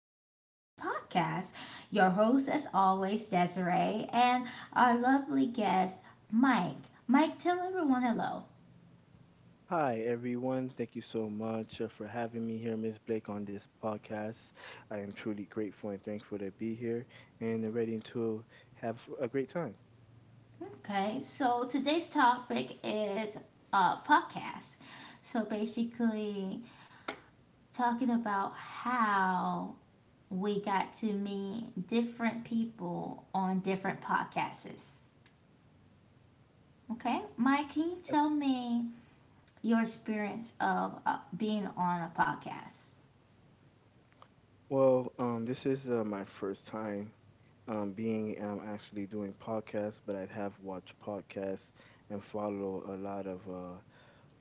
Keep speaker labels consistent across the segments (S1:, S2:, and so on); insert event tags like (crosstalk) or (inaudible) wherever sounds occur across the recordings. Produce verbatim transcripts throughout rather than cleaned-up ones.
S1: Sunshine's podcast. Your host, as always, Desiree, and our lovely guest, Mike. Mike, tell everyone hello.
S2: Hi, everyone. Thank you so much uh, for having me here, Miss Blake, on this podcast. I am truly grateful and thankful to be here and ready to have a great time.
S1: Okay, so today's topic is uh, podcast. So basically, talking about how we got to meet different people on different podcasts. Okay, Mike, can you tell
S2: Yes.
S1: me your experience of uh, being on a podcast.
S2: Well, um, this is uh, my first time um, being um, actually doing podcasts, but I have watched podcasts and follow a lot of uh,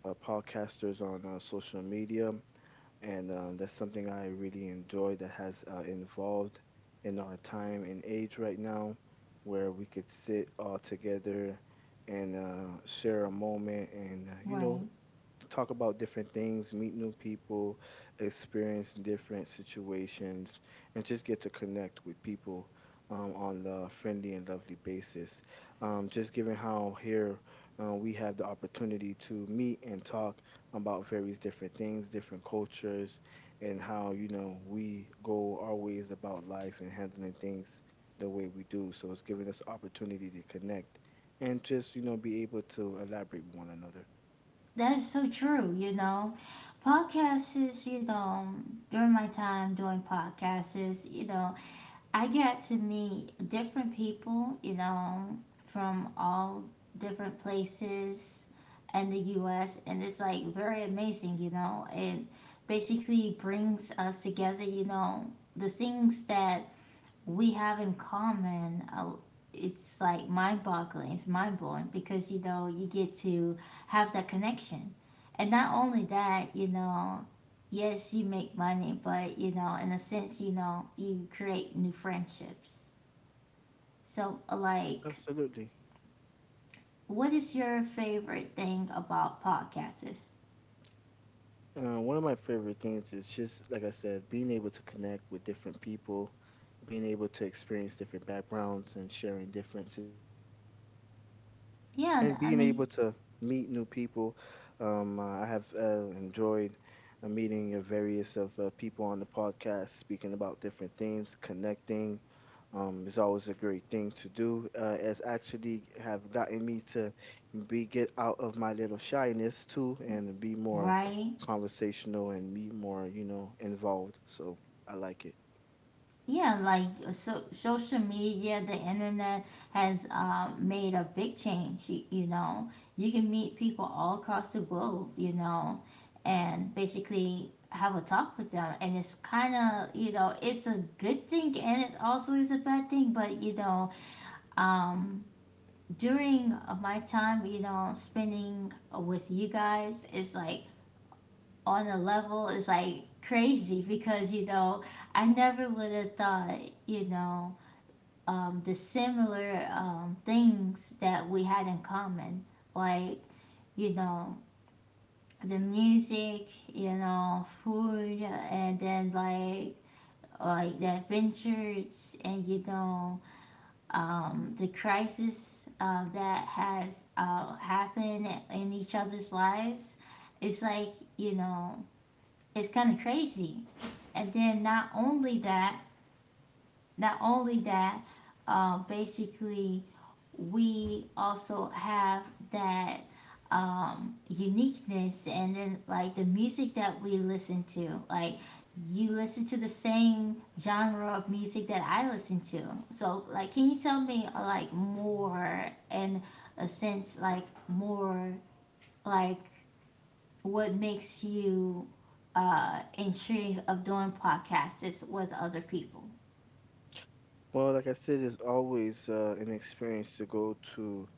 S2: uh, podcasters on uh, social media. And uh, that's something I really enjoy that has uh, involved in our time and age right now, where we could sit all together and uh, share a moment and uh, you know
S1: Right.
S2: talk about different things, meet new people, experience different situations, and just get to connect with people um, on a friendly and lovely basis. Um, just given how here uh, we have the opportunity to meet and talk about various different things, different cultures, and how, you know, we go our ways about life and handling things the way we do. So it's giving us opportunity to connect and just, you know, be able to elaborate with one another.
S1: That is so true, you know. Podcasts is, you know, during my time doing podcasts is, you know, I get to meet different people, you know, from all different places in the U S, and it's like very amazing, you know. It basically brings us together, you know, the things that we have in common, uh, it's like mind-boggling, it's mind-blowing, because you know you get to have that connection. And not only that, you know, yes, you make money, but you know, in a sense, you know, you create new friendships. So uh, like
S2: Absolutely.
S1: what is your favorite thing about podcasts?
S2: Uh, one of my favorite things is just, like I said, being able to connect with different people, being able to experience different backgrounds and sharing differences,
S1: Yeah,
S2: and
S1: I
S2: being
S1: mean,
S2: able to meet new people. Um, uh, I have uh, enjoyed a meeting of various of uh, people on the podcast, speaking about different things, connecting. Um, is always a great thing to do. Uh, it's actually have gotten me to be get out of my little shyness too and be more
S1: right.
S2: conversational and be more, you know, involved. So I like it.
S1: Yeah, like uh, so, social media, the internet has um, made a big change. You, you know, you can meet people all across the globe, you know, and basically have a talk with them. And it's kind of, you know, it's a good thing and it also is a bad thing. But, you know, um, during uh, my time, you know, spending with you guys is like on a level, it's like crazy because, you know, I never would have thought, you know, um, the similar um, things that we had in common, like, you know, the music, you know, food, and then like like the adventures, and you know, um, the crisis uh, that has uh, happened in each other's lives. It's like, you know, it's kind of crazy. And then not only that, not only that, uh, basically we also have that um, uniqueness, and then like the music that we listen to, like, you listen to the same genre of music that I listen to. So like, can you tell me, uh, like more in a sense, like more, like, what makes you uh intrigued of doing podcasts is with other people?
S2: Well, like I said, it's always uh, an experience to go to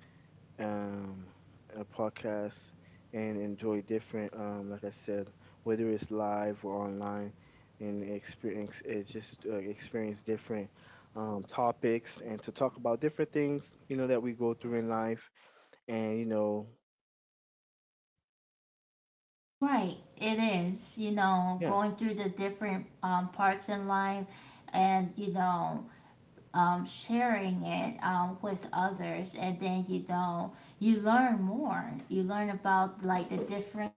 S2: um, a podcast and enjoy different, um, like I said, whether it's live or online, and experience it just uh, experience different um, topics and to talk about different things, you know, that we go through in life. And you know,
S1: Right, it is, you know,
S2: yeah,
S1: going through the different um, parts in life, and, you know, um, sharing it um, with others. And then, you know, you learn more. You learn about, like, the different,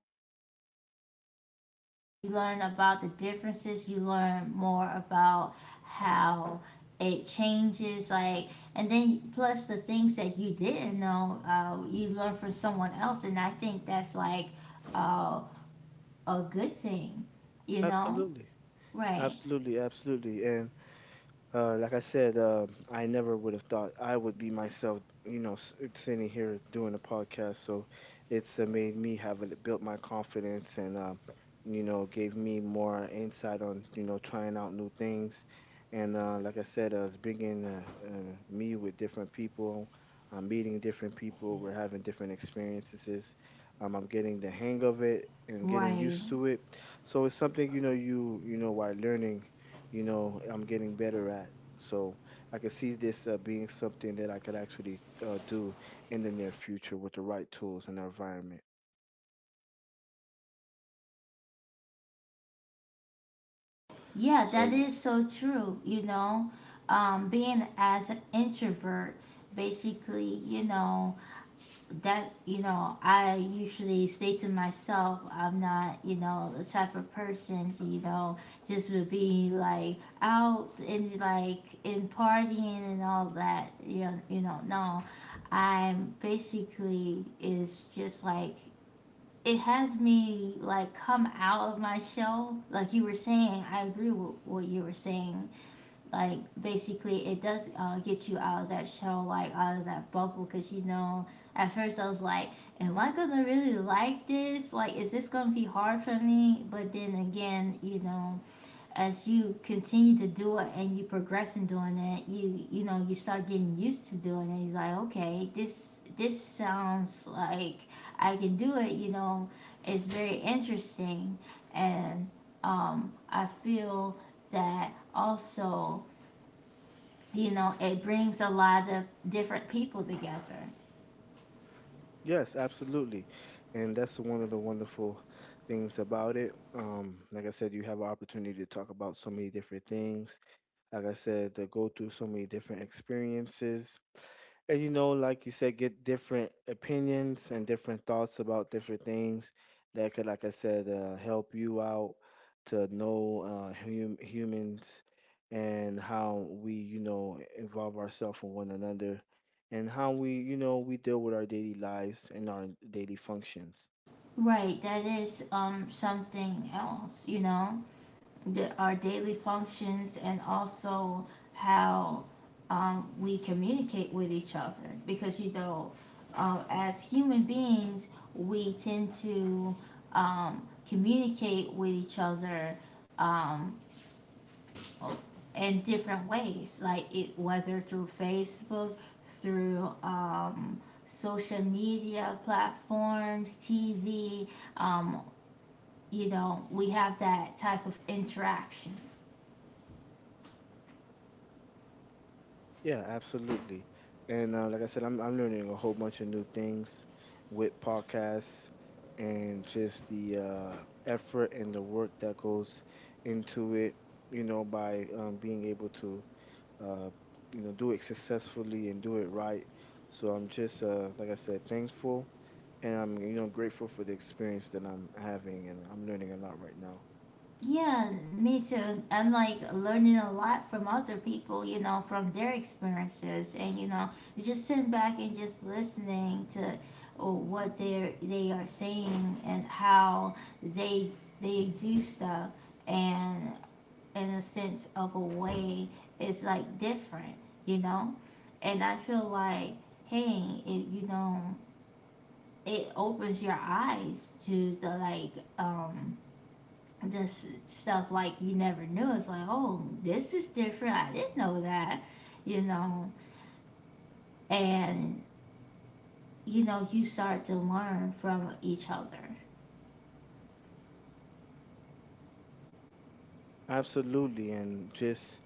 S1: you learn about the differences. You learn more about how it changes, like, and then plus the things that you didn't know, uh, you learn from someone else. And I think that's, like, uh, a good thing, you know?
S2: absolutely.
S1: Right,
S2: Absolutely, absolutely, and uh, like I said, uh, I never would have thought I would be myself, you know, s- sitting here doing a podcast. So it's uh, made me have it built my confidence, and um, you know, gave me more insight on you know trying out new things, and uh, like I said, uh, it's bringing uh, uh, me with different people. I'm meeting different people. We're having different experiences. Um, I'm getting the hang of it and getting
S1: right.
S2: used to it. So it's something you know you you know while learning you know I'm getting better at. So I could see this uh, being something that I could actually uh, do in the near future with the right tools and environment.
S1: Yeah,
S2: So
S1: that
S2: y-
S1: is so true. You know, um, being as an introvert, basically, you know, that, you know, I usually stay to myself, I'm not, you know, the type of person to, you know, just would be like out and like in partying and all that. You know, you know, no, I'm basically is just like it has me like come out of my shell, like you were saying, I agree with what you were saying. Like, basically it does uh, get you out of that shell, like out of that bubble, because you know at first I was like, am I gonna really like this, like, is this gonna be hard for me? But then again, you know, as you continue to do it and you progress in doing it, you you know you start getting used to doing it. It's like, okay, this this sounds like I can do it. You know, it's very interesting, and um, I feel that also, you know, it brings a lot of different people together.
S2: yes, absolutely, and that's one of the wonderful things about it. Um, like I said, you have an opportunity to talk about so many different things, like I said, to go through so many different experiences. And you know, like you said, get different opinions and different thoughts about different things that could, like I said, uh, help you out to know uh, hum- humans and how we, you know, involve ourselves with one another and how we, you know, we deal with our daily lives and our daily functions.
S1: Right, that is um something else, you know, the, our daily functions, and also how um, we communicate with each other, because you know, um, as human beings, we tend to um, communicate with each other um, in different ways, like it, whether through Facebook, through um, social media platforms, T V, um, you know, we have that type of interaction.
S2: Yeah, absolutely. And uh, like I said, I'm I'm learning a whole bunch of new things with podcasts and just the uh, effort and the work that goes into it. You know, by um, being able to uh, you know do it successfully and do it right. So I'm just uh, like I said, thankful, and I'm you know grateful for the experience that I'm having, and I'm learning a lot right now.
S1: Yeah, me too. I'm like learning a lot from other people, you know, from their experiences, and you know, just sitting back and just listening to uh, what they they are saying and how they they do stuff, and in a sense of a way, it's like different, you know. And I feel like, hey, it, you know, it opens your eyes to the, like, um this stuff like you never knew. It's like, oh, this is different. I didn't know that, you know. And you know, you start to learn from each other.
S2: Absolutely, and just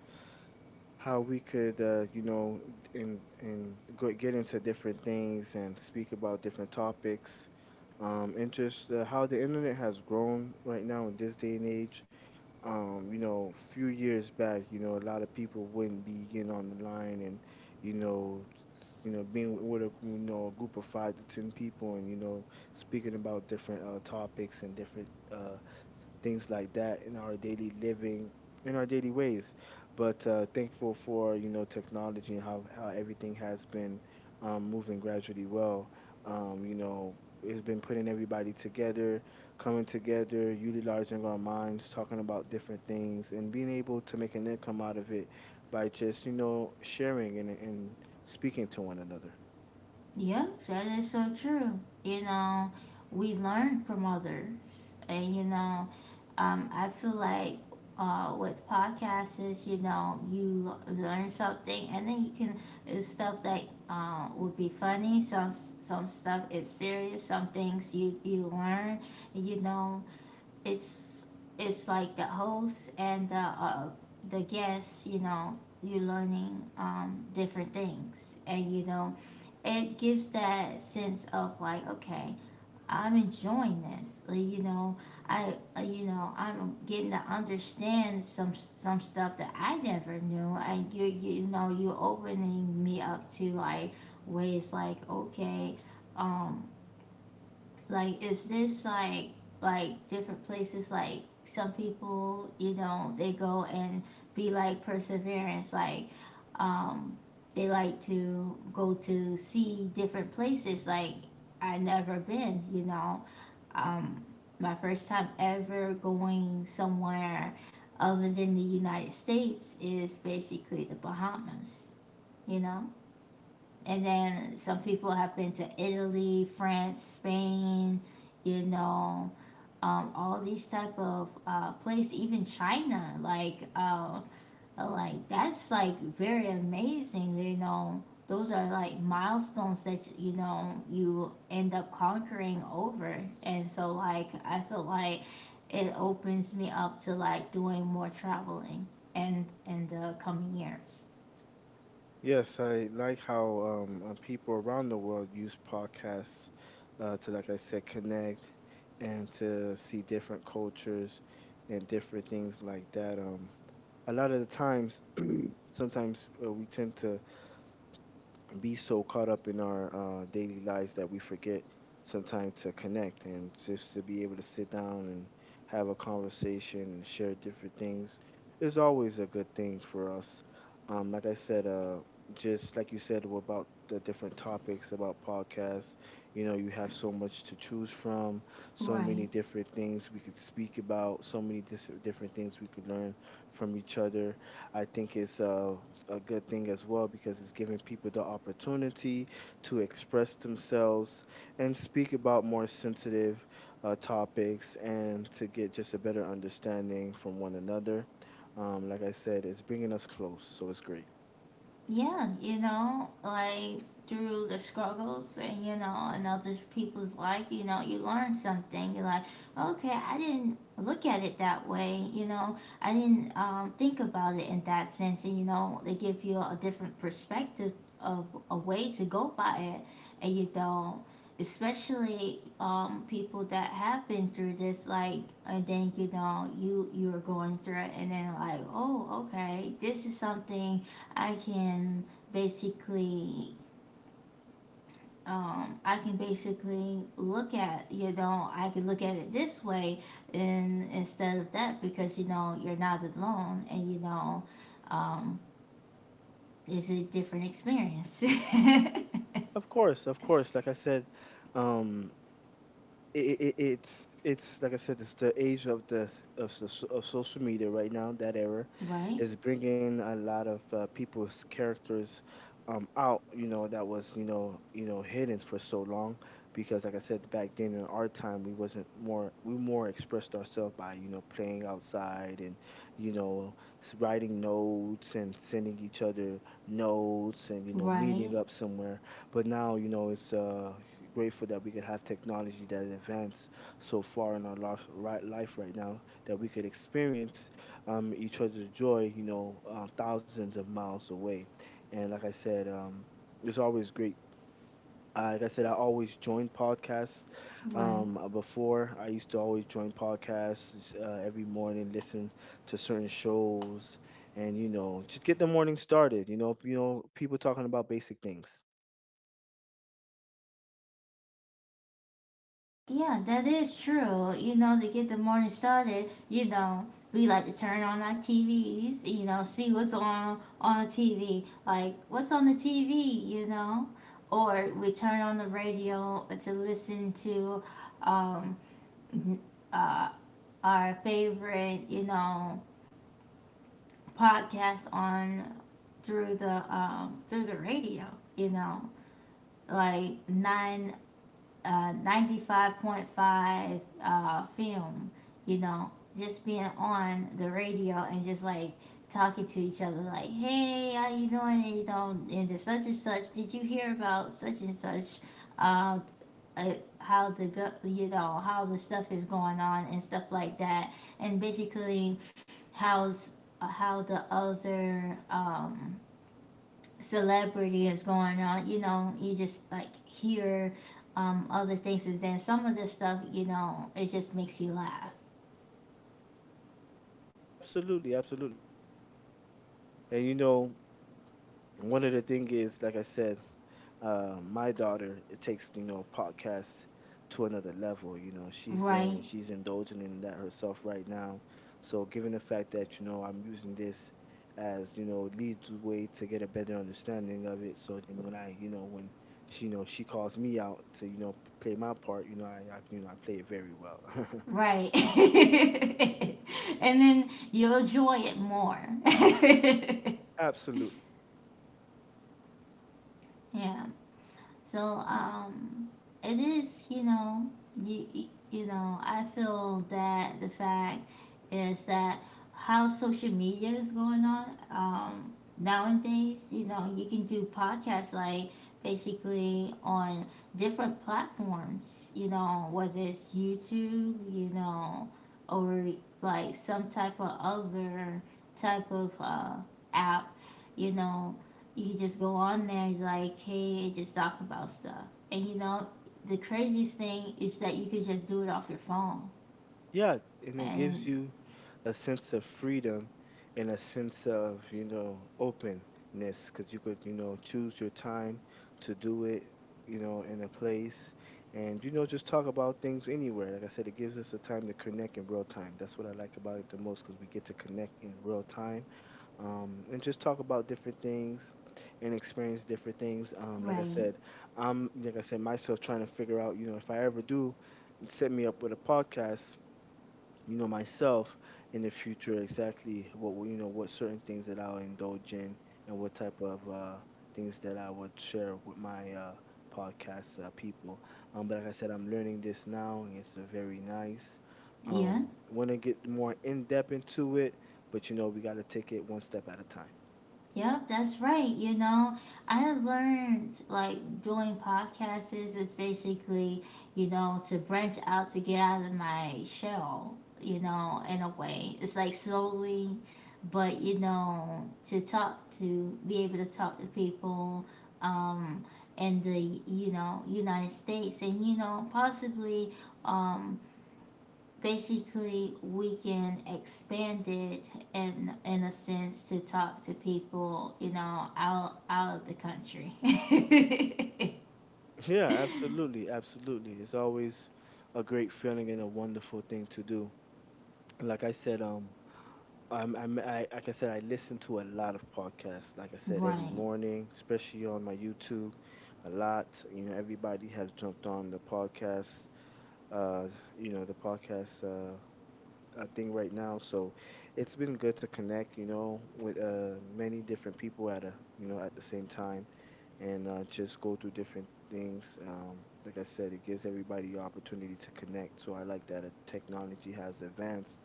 S2: how we could uh, you know and and go, get into different things and speak about different topics um, and just uh, how the internet has grown right now in this day and age. Um, you know, few years back, you know, a lot of people wouldn't be getting on the line and, you know, s- you know, being with a you know a group of five to ten people and you know speaking about different uh, topics and different uh, things like that in our daily living, in our daily ways. But uh, thankful for you know technology and how how everything has been um, moving gradually well. Um, you know, it's been putting everybody together, coming together, utilizing our minds, talking about different things, and being able to make an income out of it by just you know sharing and and speaking to one another.
S1: Yeah, that is so true. You know, we learn from others, and you know, um, I feel like, uh, with podcasts, is, you know, you l- learn something, and then you can, it's stuff that uh, would be funny. Some s- some stuff is serious. Some things you you learn. You know, it's it's like the host and the uh, the guests. You know, you're learning um, different things, and you know, it gives that sense of like, okay, I'm enjoying this, like, you know, I uh, you know, I'm getting to understand some some stuff that I never knew. And you you know you are opening me up to like ways, like, okay, um like is this like like different places, like some people, you know, they go and be like perseverance, like, um they like to go to see different places, like, I never been, you know, um my first time ever going somewhere other than the United States is basically the Bahamas, you know. And then some people have been to Italy, France, Spain, you know, um, all these type of uh, place, even China. Like, uh, like that's like very amazing. You know, those are like milestones that you know you end up conquering over. And so, like, I feel like it opens me up to like doing more traveling and in the coming years.
S2: Yes, I like how um, uh, people around the world use podcasts uh, to, like I said, connect and to see different cultures and different things like that. Um, a lot of the times, (clears throat) sometimes uh, we tend to be so caught up in our uh, daily lives that we forget sometimes to connect and just to be able to sit down and have a conversation and share different things is always a good thing for us. Um, like I said, uh, just like you said about the different topics about podcasts, you know, you have so much to choose from, so many
S1: Right.
S2: different things we could speak about, so many dis- different things we could learn from each other. I think it's a, a good thing as well because it's giving people the opportunity to express themselves and speak about more sensitive uh, topics and to get just a better understanding from one another. Um, like I said, it's bringing us close, so it's great.
S1: Yeah, you know, like through the struggles, and you know, and other people's life, you know, you learn something. You're like, okay, I didn't look at it that way, you know, I didn't um, think about it in that sense, and you know, they give you a different perspective of a way to go by it, and you don't. Especially um, people that have been through this, like, and then you know you you are going through it, and then like, oh, okay, this is something I can basically, um, I can basically look at, you know, I can look at it this way, and instead of that, because you know you're not alone, and you know, um, it's a different experience. (laughs)
S2: Of course, of course. Like I said, um, it, it, it's it's like I said, it's the age of the of the, so- of social media right now. That era
S1: Right,
S2: is bringing a lot of uh, people's characters um out. You know that was you know you know hidden for so long because like I said back then in our time we wasn't more we more expressed ourselves by you know playing outside and you know s- writing notes and sending each other notes and you know
S1: right,
S2: meeting up somewhere. But now you know it's uh grateful that we could have technology that has advanced so far in our life right, life right now that we could experience um, each other's joy, you know, uh, thousands of miles away. And like I said, um, it's always great. Uh, like I said, I always joined podcasts.
S1: right.
S2: Um, uh, before I used to always join podcasts uh, every morning, listen to certain shows, and you know, just get the morning started. You know, you know, people talking about basic things.
S1: Yeah, that is true. You know, to get the morning started, you know, we like to turn on our T Vs, you know, see what's on on the T V, like what's on the T V, you know, or we turn on the radio to listen to um uh our favorite, you know, podcast on through the um through the radio, you know, like nine uh, ninety-five point five uh, film, you know, just being on the radio and just like talking to each other, like, hey, how you doing? And, you know, and the such and such, did you hear about such and such? Uh, uh, how the go- you know how the stuff is going on and stuff like that, and basically how's, uh, how the other um, celebrity is going on, you know, you just like hear um, other things, and then some of this stuff, you know, it just makes you laugh,
S2: Absolutely, absolutely. And you know, and one of the thing is, like I said, uh, my daughter it takes you know podcasts to another level. You know, she's young
S1: right?
S2: and she's indulging in that herself right now. So, given the fact that you know I'm using this as you know lead the way to get a better understanding of it, so then when I you know when she you know she calls me out to you know p- play my part, you know I, I you know I play it very well.
S1: Right. (laughs) And then you'll enjoy it more. (laughs)
S2: (laughs) Absolutely.
S1: Yeah. So um, it is, you know, you you- know I feel that the fact is that how social media is going on um, nowadays. You know you can do podcasts like basically on different platforms. You know whether it's YouTube, you know, or like some type of other type of uh, app. You know you could just go on there. He's like, hey, just talk about stuff. And you know, the craziest thing is that you could just do it off your phone.
S2: Yeah, and it gives
S1: And
S2: you a sense of freedom and a sense of, you know, openness because you could, you know, choose your time to do it, you know, in a place and, you know, just talk about things anywhere. Like I said, it gives us the time to connect in real time. That's what I like about it the most because we get to connect in real time um, and just talk about different things and experience different things. Um, like I
S1: right,
S2: said, I'm, like I said, myself trying to figure out, you know, if I ever do set me up with a podcast you know myself in the future exactly what we- you know what certain things that I'll indulge in and what type of uh things that I would share with my uh podcast uh, people um but like I said I'm learning this now and it's uh, very nice
S1: yeah.
S2: um want to get more in depth into it but you know we got to take it one step at a time.
S1: Yep, that's right. You know, I have learned like doing podcasts is basically, you know, to branch out, to get out of my shell, you know, in a way. It's like slowly, but you know, to talk to be able to talk to people um in the, you know, United States, and you know, possibly, um basically we can expand it in in a sense to talk to people, you know, out out of the country. (laughs)
S2: Yeah, absolutely, absolutely, it's always a great feeling and a wonderful thing to do, like I said um. Um, I'm, I, like I said, I listen to a lot of podcasts. Like I said, every
S1: Right,
S2: morning, especially on my YouTube, a lot. You know, everybody has jumped on the podcast. Uh, you know, the podcast uh, uh, thing right now. So it's been good to connect. You know, with uh, many different people at a you know at the same time, and uh, just go through different things. Um, like I said, it gives everybody the opportunity to connect. So I like that uh, technology has advanced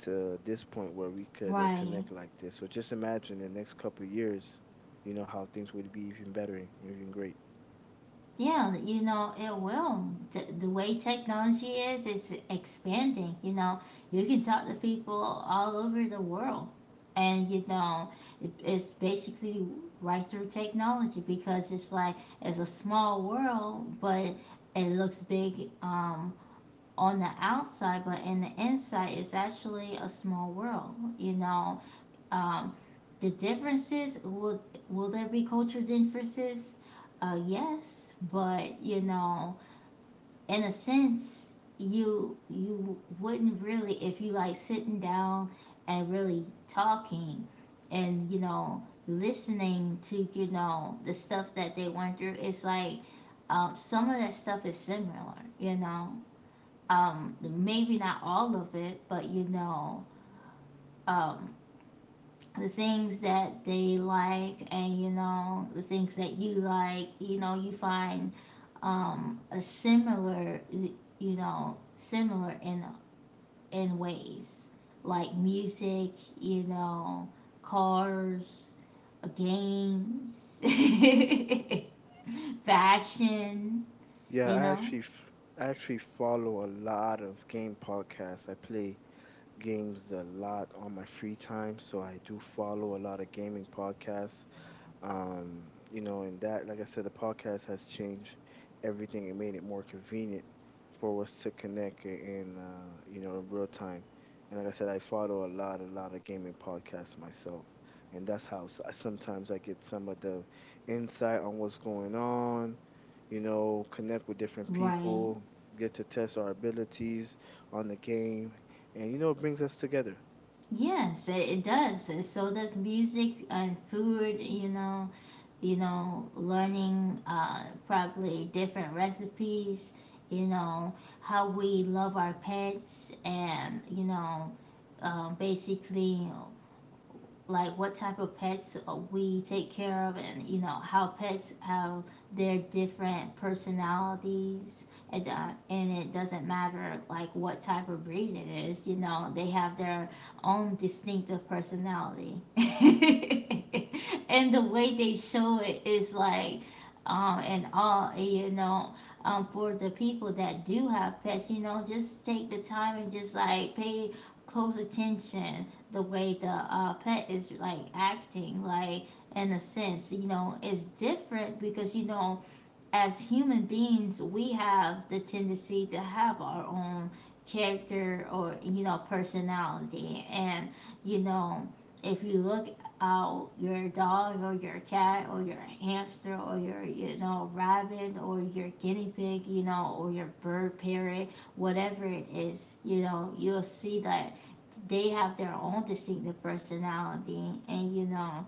S2: to this point where we could uh,
S1: right.
S2: connect like this. So just imagine the next couple of years, you know how things would be even better and even great.
S1: Yeah, you know, it will. The, the way technology is, it's expanding. You know, you can talk to people all over the world. And, you know, it, it's basically right through technology because it's like it's a small world, but it looks big, um, on the outside, but in the inside, it's actually a small world, you know. Um, the differences will will there be cultural differences? Uh, yes, but, you know, in a sense, you you wouldn't really, if you like sitting down and really talking and you know listening to you know the stuff that they went through. It's like, um, some of that stuff is similar, you know. Um, maybe not all of it, but, you know, um, the things that they like and you know the things that you like, you know, you find um a similar, you know similar in in ways, like music, you know cars, games, (laughs) fashion
S2: Yeah,
S1: you
S2: I
S1: know
S2: actually f- I actually follow a lot of game podcasts. I play games a lot on my free time, so I do follow a lot of gaming podcasts. Um you know, and that, like I said, the podcast has changed everything. It made it more convenient for us to connect i- in uh you know in real time. And like I said, I follow a lot a lot of gaming podcasts myself, and that's how s- sometimes I get some of the insight on what's going on, you know, connect with different
S1: right.
S2: people, get to test our abilities on the game. And you know, it brings us together.
S1: Yes, it, it does. So does music and food you know you know, Learning, uh, probably different recipes, you know, how we love our pets, and, you know, um, basically like what type of pets uh, we take care of, and you know how pets have their different personalities. And uh, and it doesn't matter like what type of breed it is. you know they have their own distinctive personality. (laughs) And the way they show it is like, um and all you know um For the people that do have pets, you know just take the time and just like pay close attention the way the uh, pet is like acting, like, in a sense, you know it's different because, you know as human beings we have the tendency to have our own character or, you know personality. And, you know if you look out your dog or your cat or your hamster or your, you know rabbit or your guinea pig, you know or your bird parrot, whatever it is, you know you'll see that they have their own distinctive personality. And you know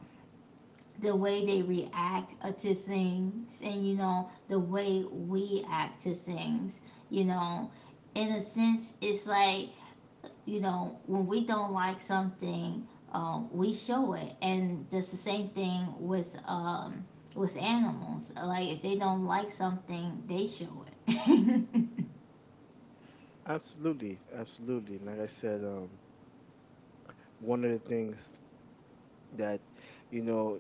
S1: the way they react, uh, to things, and you know the way we act to things, you know in a sense it's like, you know when we don't like something, um, we show it. And that's the same thing with, um with animals. Like, if they don't like something, they show it.
S2: Absolutely, absolutely. Like I said, um one of the things that, you know,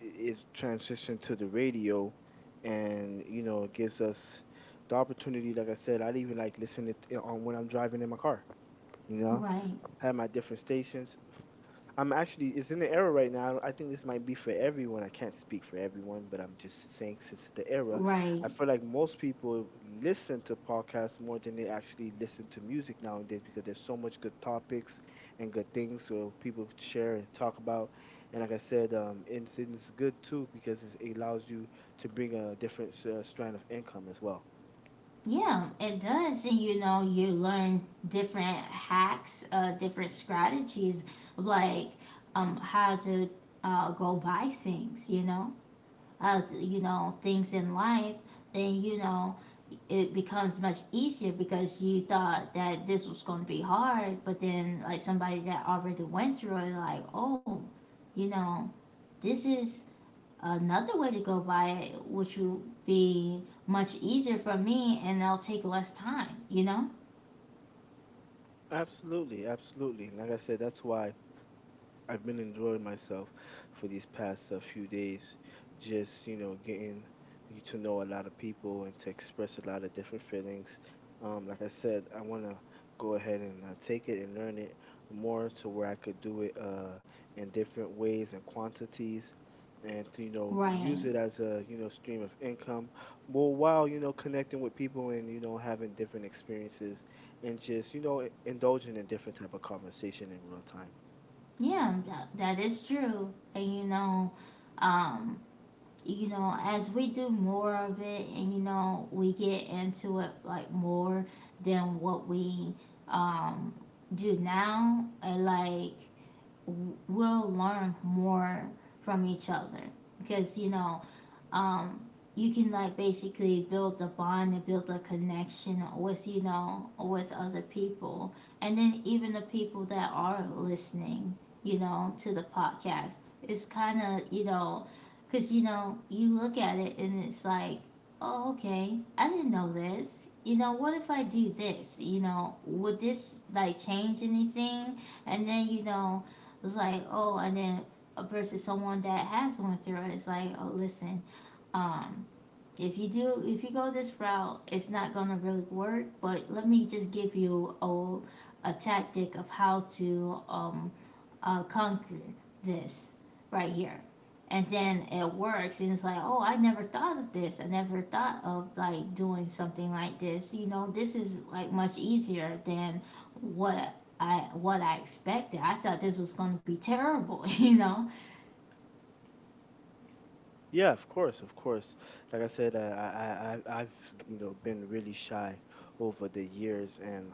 S2: is transitioned to the radio. And you know, it gives us the opportunity, like I said, I'd even like listen to it eh, on when I'm driving in my car, you know,
S1: (laughs) Right.
S2: have my different stations. I'm actually, it's in the era right now. I think this might be for everyone. I can't speak for everyone, but I'm just saying since the era,
S1: Right.
S2: I feel like most people listen to podcasts more than they actually listen to music nowadays because there's so much good topics and good things so people could share and talk about. And like I said, um, it's, it's good too because it's- it allows you to bring a different uh, strand of income as well.
S1: Yeah, it does. And, you know, you learn different hacks, uh, different strategies, like, um, how to, uh, go buy things, you know, how, you know, things in life. Then, you know, it becomes much easier, because you thought that this was going to be hard, but then, like, somebody that already went through it, like, oh, you know, this is another way to go by it, which will be much easier for me and it'll take less time, you know?
S2: Absolutely, absolutely. Like I said, that's why I've been enjoying myself for these past uh, few days, just you know, getting you to know a lot of people and to express a lot of different feelings. Um, like I said, I want to go ahead and uh, take it and learn it more to where I could do it uh, in different ways and quantities, and to, you know, use
S1: Right.
S2: it as a you know stream of income. More while you know connecting with people and you know having different experiences, and just you know indulging in different type of conversation in real time.
S1: Yeah, that, that is true. And, you know, um, you know, as we do more of it and, you know, we get into it, like, more than what we um do now, and like w- we'll learn more from each other, because, you know um, you can, like, basically build a bond and build a connection with, you know with other people. And then even the people that are listening, you know to the podcast, it's kind of, you know because, you know you look at it and it's like, oh, okay, I didn't know this. you know what if I do this? you know would this like change anything? And then, you know it's like, oh. And then, versus someone that has went through it, it's like, oh, listen, um if you do if you go this route, it's not gonna really work, but let me just give you a, a tactic of how to, um uh, conquer this right here. And then it works, and it's like, oh, I never thought of this. I never thought of like doing something like this. you know this is like much easier than what i what i expected. I thought this was gonna be terrible. (laughs) you know
S2: Yeah, of course, of course. Like I said, I, I, I, I've you know been really shy over the years, and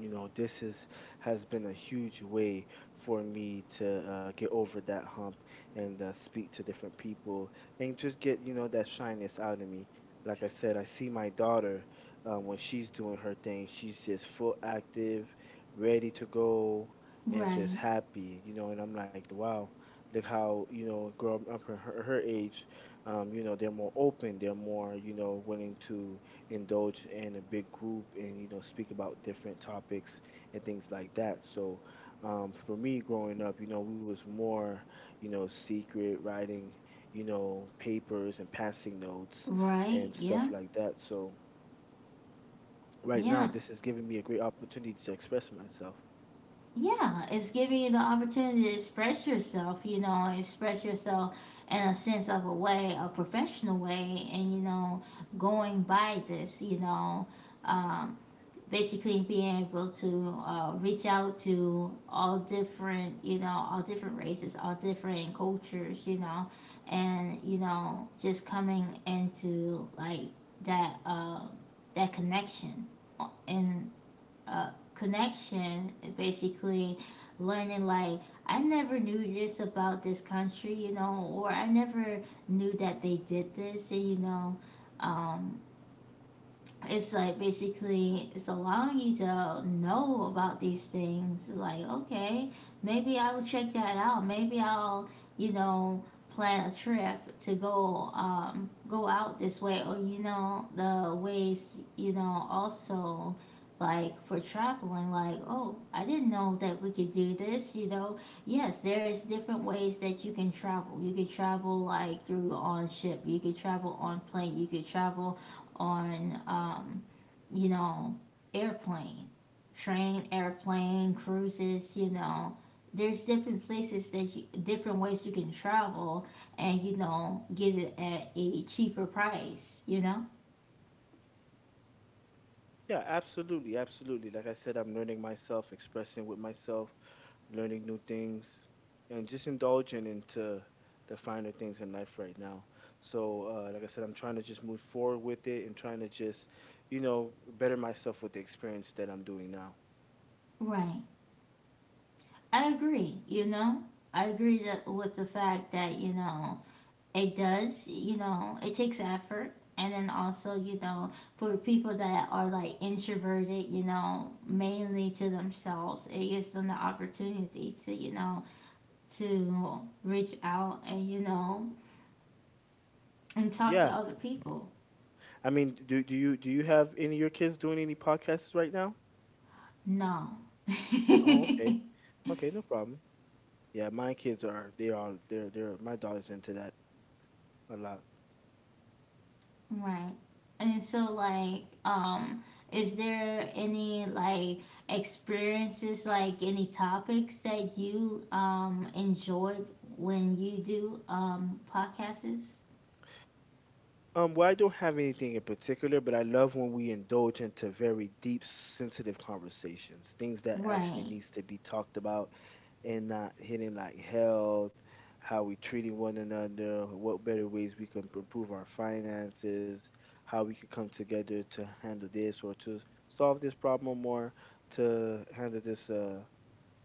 S2: you know this is has been a huge way for me to uh, get over that hump and uh, speak to different people and just get you know that shyness out of me. Like I said, I see my daughter, um, when she's doing her thing, she's just full active, ready to go, and just
S1: Right.
S2: happy, you know. And I'm like wow, look how you know growing up in her, her age, um, you know, they're more open, they're more you know willing to indulge in a big group and you know speak about different topics and things like that. So um, for me growing up, you know, we was more you know secret writing, you know, papers and passing notes
S1: Right.
S2: and
S1: Yeah.
S2: stuff like that. So right now
S1: Yeah.
S2: this is giving me a great opportunity to express myself.
S1: Yeah, it's giving you the opportunity to express yourself, you know, and express yourself in a sense of a way, a professional way, and, you know, going by this, you know, um, basically being able to, uh, reach out to all different, you know, all different races, all different cultures, you know, and, you know, just coming into like that, uh, that connection, uh, in uh, connection, basically learning, like, I never knew this about this country, you know or I never knew that they did this. And, you know um, it's like basically it's allowing you to know about these things. Like, okay, maybe I'll check that out, maybe I'll, you know plan a trip to go um go out this way, or, you know the ways, you know, also like for traveling, like, oh, I didn't know that we could do this you know Yes, there is different ways that you can travel. You could travel like through on ship, you could travel on plane, you could travel on, um, you know, airplane, train, airplane, cruises. You know, there's different places that you, different ways you can travel and you know get it at a cheaper price. You know,
S2: Yeah, absolutely, absolutely. Like I said, I'm learning myself, expressing with myself, learning new things, and just indulging into the finer things in life right now. So, uh, like I said, I'm trying to just move forward with it and trying to just, you know, better myself with the experience that I'm doing now.
S1: right? I agree. You know, I agree that, with the fact that, you know, it does, you know, it takes effort. And then also, you know, for people that are like introverted, you know, mainly to themselves, it gives them the opportunity to, you know, to reach out and, you know, and talk to
S2: Yeah,
S1: other people.
S2: I mean, do do you do you have any of your kids doing any podcasts right now?
S1: No.
S2: Oh, okay,
S1: (laughs)
S2: okay, no problem. Yeah, my kids are they are they're they're my daughter's into that a lot.
S1: Right. And so, like, um is there any, like, experiences, like, any topics that you um enjoyed when you do um podcasts?
S2: Um, well, I don't have anything in particular, but I love when we indulge into very deep, sensitive conversations, things that actually
S1: Right.
S2: needs to be talked about and not hitting like health, how we treating one another, what better ways we can improve our finances, how we could come together to handle this or to solve this problem or to handle this uh,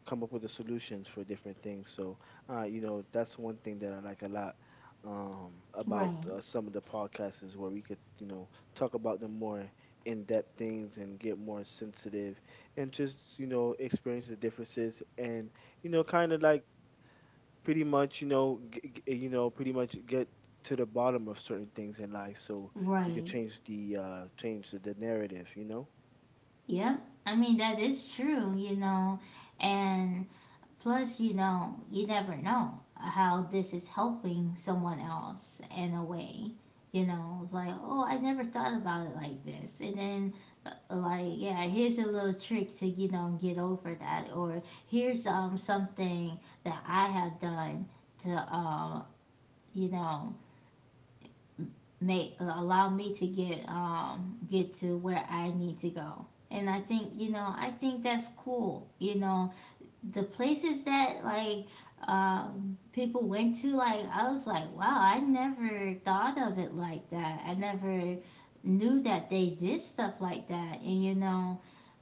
S2: come up with the solutions for different things. So, uh, you know, that's one thing that I like a lot um, about
S1: Right.
S2: uh, some of the podcasts is where we could, you know, talk about the more in-depth things and get more sensitive, and just, you know, experience the differences and, you know, kind of like pretty much, you know, g- g- eh, you know, pretty much get to the bottom of certain things in life. So we could
S1: Right.
S2: change the uh change the narrative, you know.
S1: Yep. I mean, that is true, you know. And plus, you know, you never know how this is helping someone else in a way. You know, it's like, oh, I never thought about it like this. And then, like, yeah, here's a little trick to, you know, get over that, or here's um something that I have done to, um you know, make, allow me to get, um get to where I need to go. And I think, you know, I think that's cool, you know, the places that, like, um people went to. Like, I was like, wow, I never thought of it like that, I never knew that they did stuff like that. And, you know,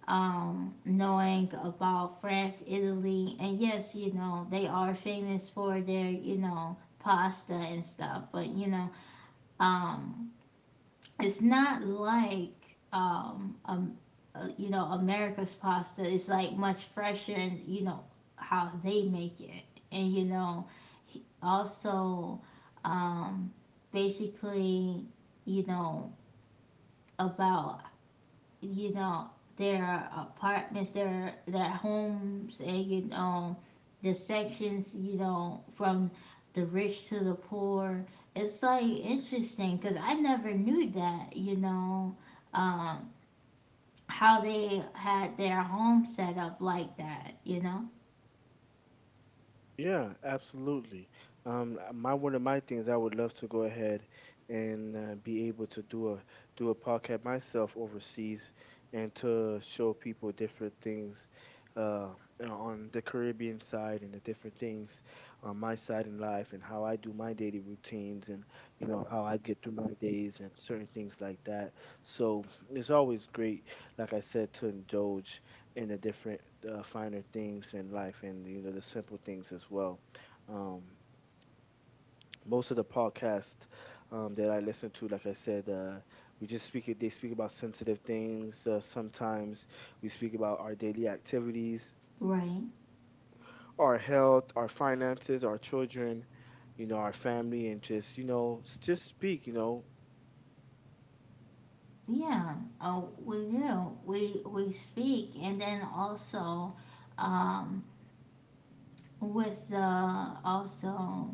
S1: um, knowing about France, Italy, and, yes, you know, they are famous for their, you know, pasta and stuff, but, you know, um, it's not like, um, um, uh, you know, America's pasta is like much fresher and, you know, how they make it. And, you know, he- also, um, basically, you know, about, you know, their apartments, their their homes, and, you know, the sections, you know, from the rich to the poor. It's like interesting because I never knew that, you know, um, how they had their home set up like that, you know.
S2: Yeah, absolutely. Um, uh, my one of my things, I would love to go ahead and uh, be able to do a do a podcast myself overseas, and to show people different things, uh, uh, on the Caribbean side, and the different things on my side in life and how I do my daily routines and you know how I get through my days and certain things like that. So it's always great, like I said, to indulge and the different uh, finer things in life and you know the simple things as well. um Most of the podcasts um, that I listen to, like I said, uh, we just speak. It. They speak about sensitive things. Uh, sometimes we speak about our daily activities,
S1: Right.
S2: our health, our finances, our children, you know, our family, and just you know, s- just speak. You know,
S1: Yeah. Oh, we do. We we speak, and then also, um, with the, also,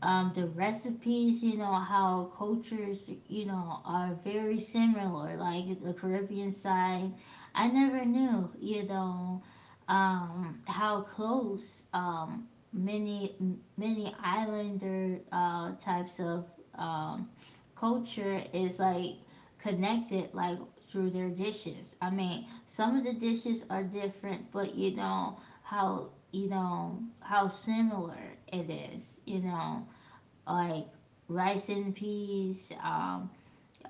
S1: um, the recipes, you know, how cultures, you know, are very similar, like the Caribbean side. I never knew, you know, um, how close, um, many many islander, uh, types of, um, culture is, like, connected, like, through their dishes. I mean, some of the dishes are different, but, you know, how, you know, how similar it is, you know, like rice and peas, um,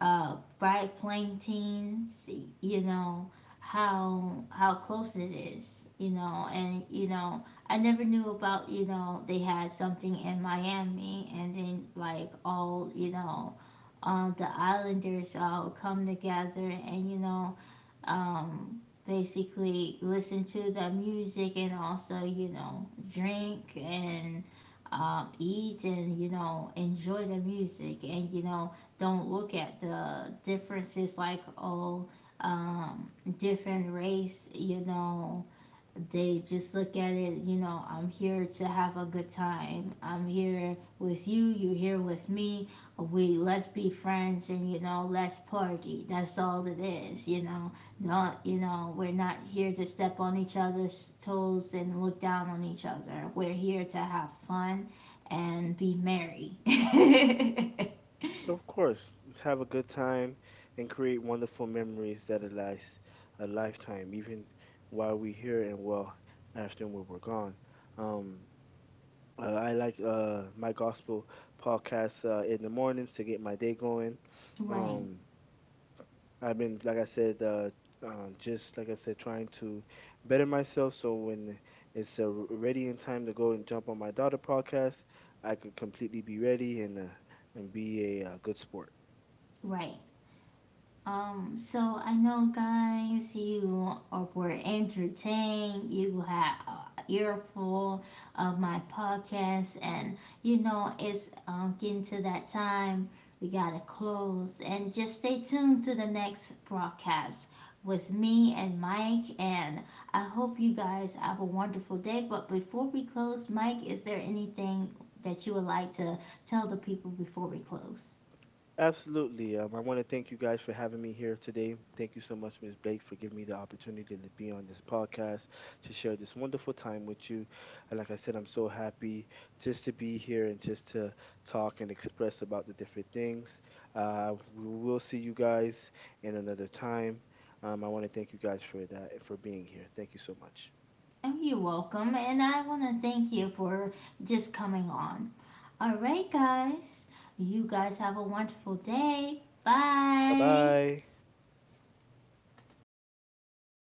S1: uh, fried plantains. You know how how close it is. You know, and you know I never knew about, you know, they had something in Miami, and then, like, all, you know. Uh, the islanders all come together and, you know, um, basically listen to the music and also, you know, drink and, um, eat and, you know, enjoy the music and, you know, don't look at the differences like, oh, um, different race, you know, they just look at it, you know, I'm here to have a good time. I'm here with you, you're here with me. We, let's be friends, and, you know, let's party. That's all it is, you know. Don't, you know, we're not here to step on each other's toes and look down on each other. We're here to have fun and be merry.
S2: of course, let's have a good time and create wonderful memories that will last a lifetime, even while we're here and well after when we're gone. Um, uh, I like uh, my gospel podcast uh, in the mornings to get my day going.
S1: (laughs) Right.
S2: Um, I've been, like I said, uh, uh, just like I said, trying to better myself so when it's uh, ready in time to go and jump on my daughter podcast, I could completely be ready and uh, and be a, uh good sport.
S1: Right. Um, so I know, guys, you are, were entertained. You had an earful of my podcast, and you know it's, um, getting to that time. We gotta close, and just stay tuned to the next broadcast with me and Mike. And I hope you guys have a wonderful day. But before we close, Mike, is there anything that you would like to tell the people before we close?
S2: Absolutely. Um, I want to thank you guys for having me here today. Thank you so much, Miss Blake, for giving me the opportunity to be on this podcast to share this wonderful time with you. And like I said, I'm so happy just to be here and just to talk and express about the different things. Uh, we will see you guys in another time. Um, I want to thank you guys for that and for being here. Thank you so much.
S1: Oh, you're welcome, and I want to thank you for just coming on. All right, guys, you guys have a wonderful day.
S2: Bye
S1: Bye.
S2: bye.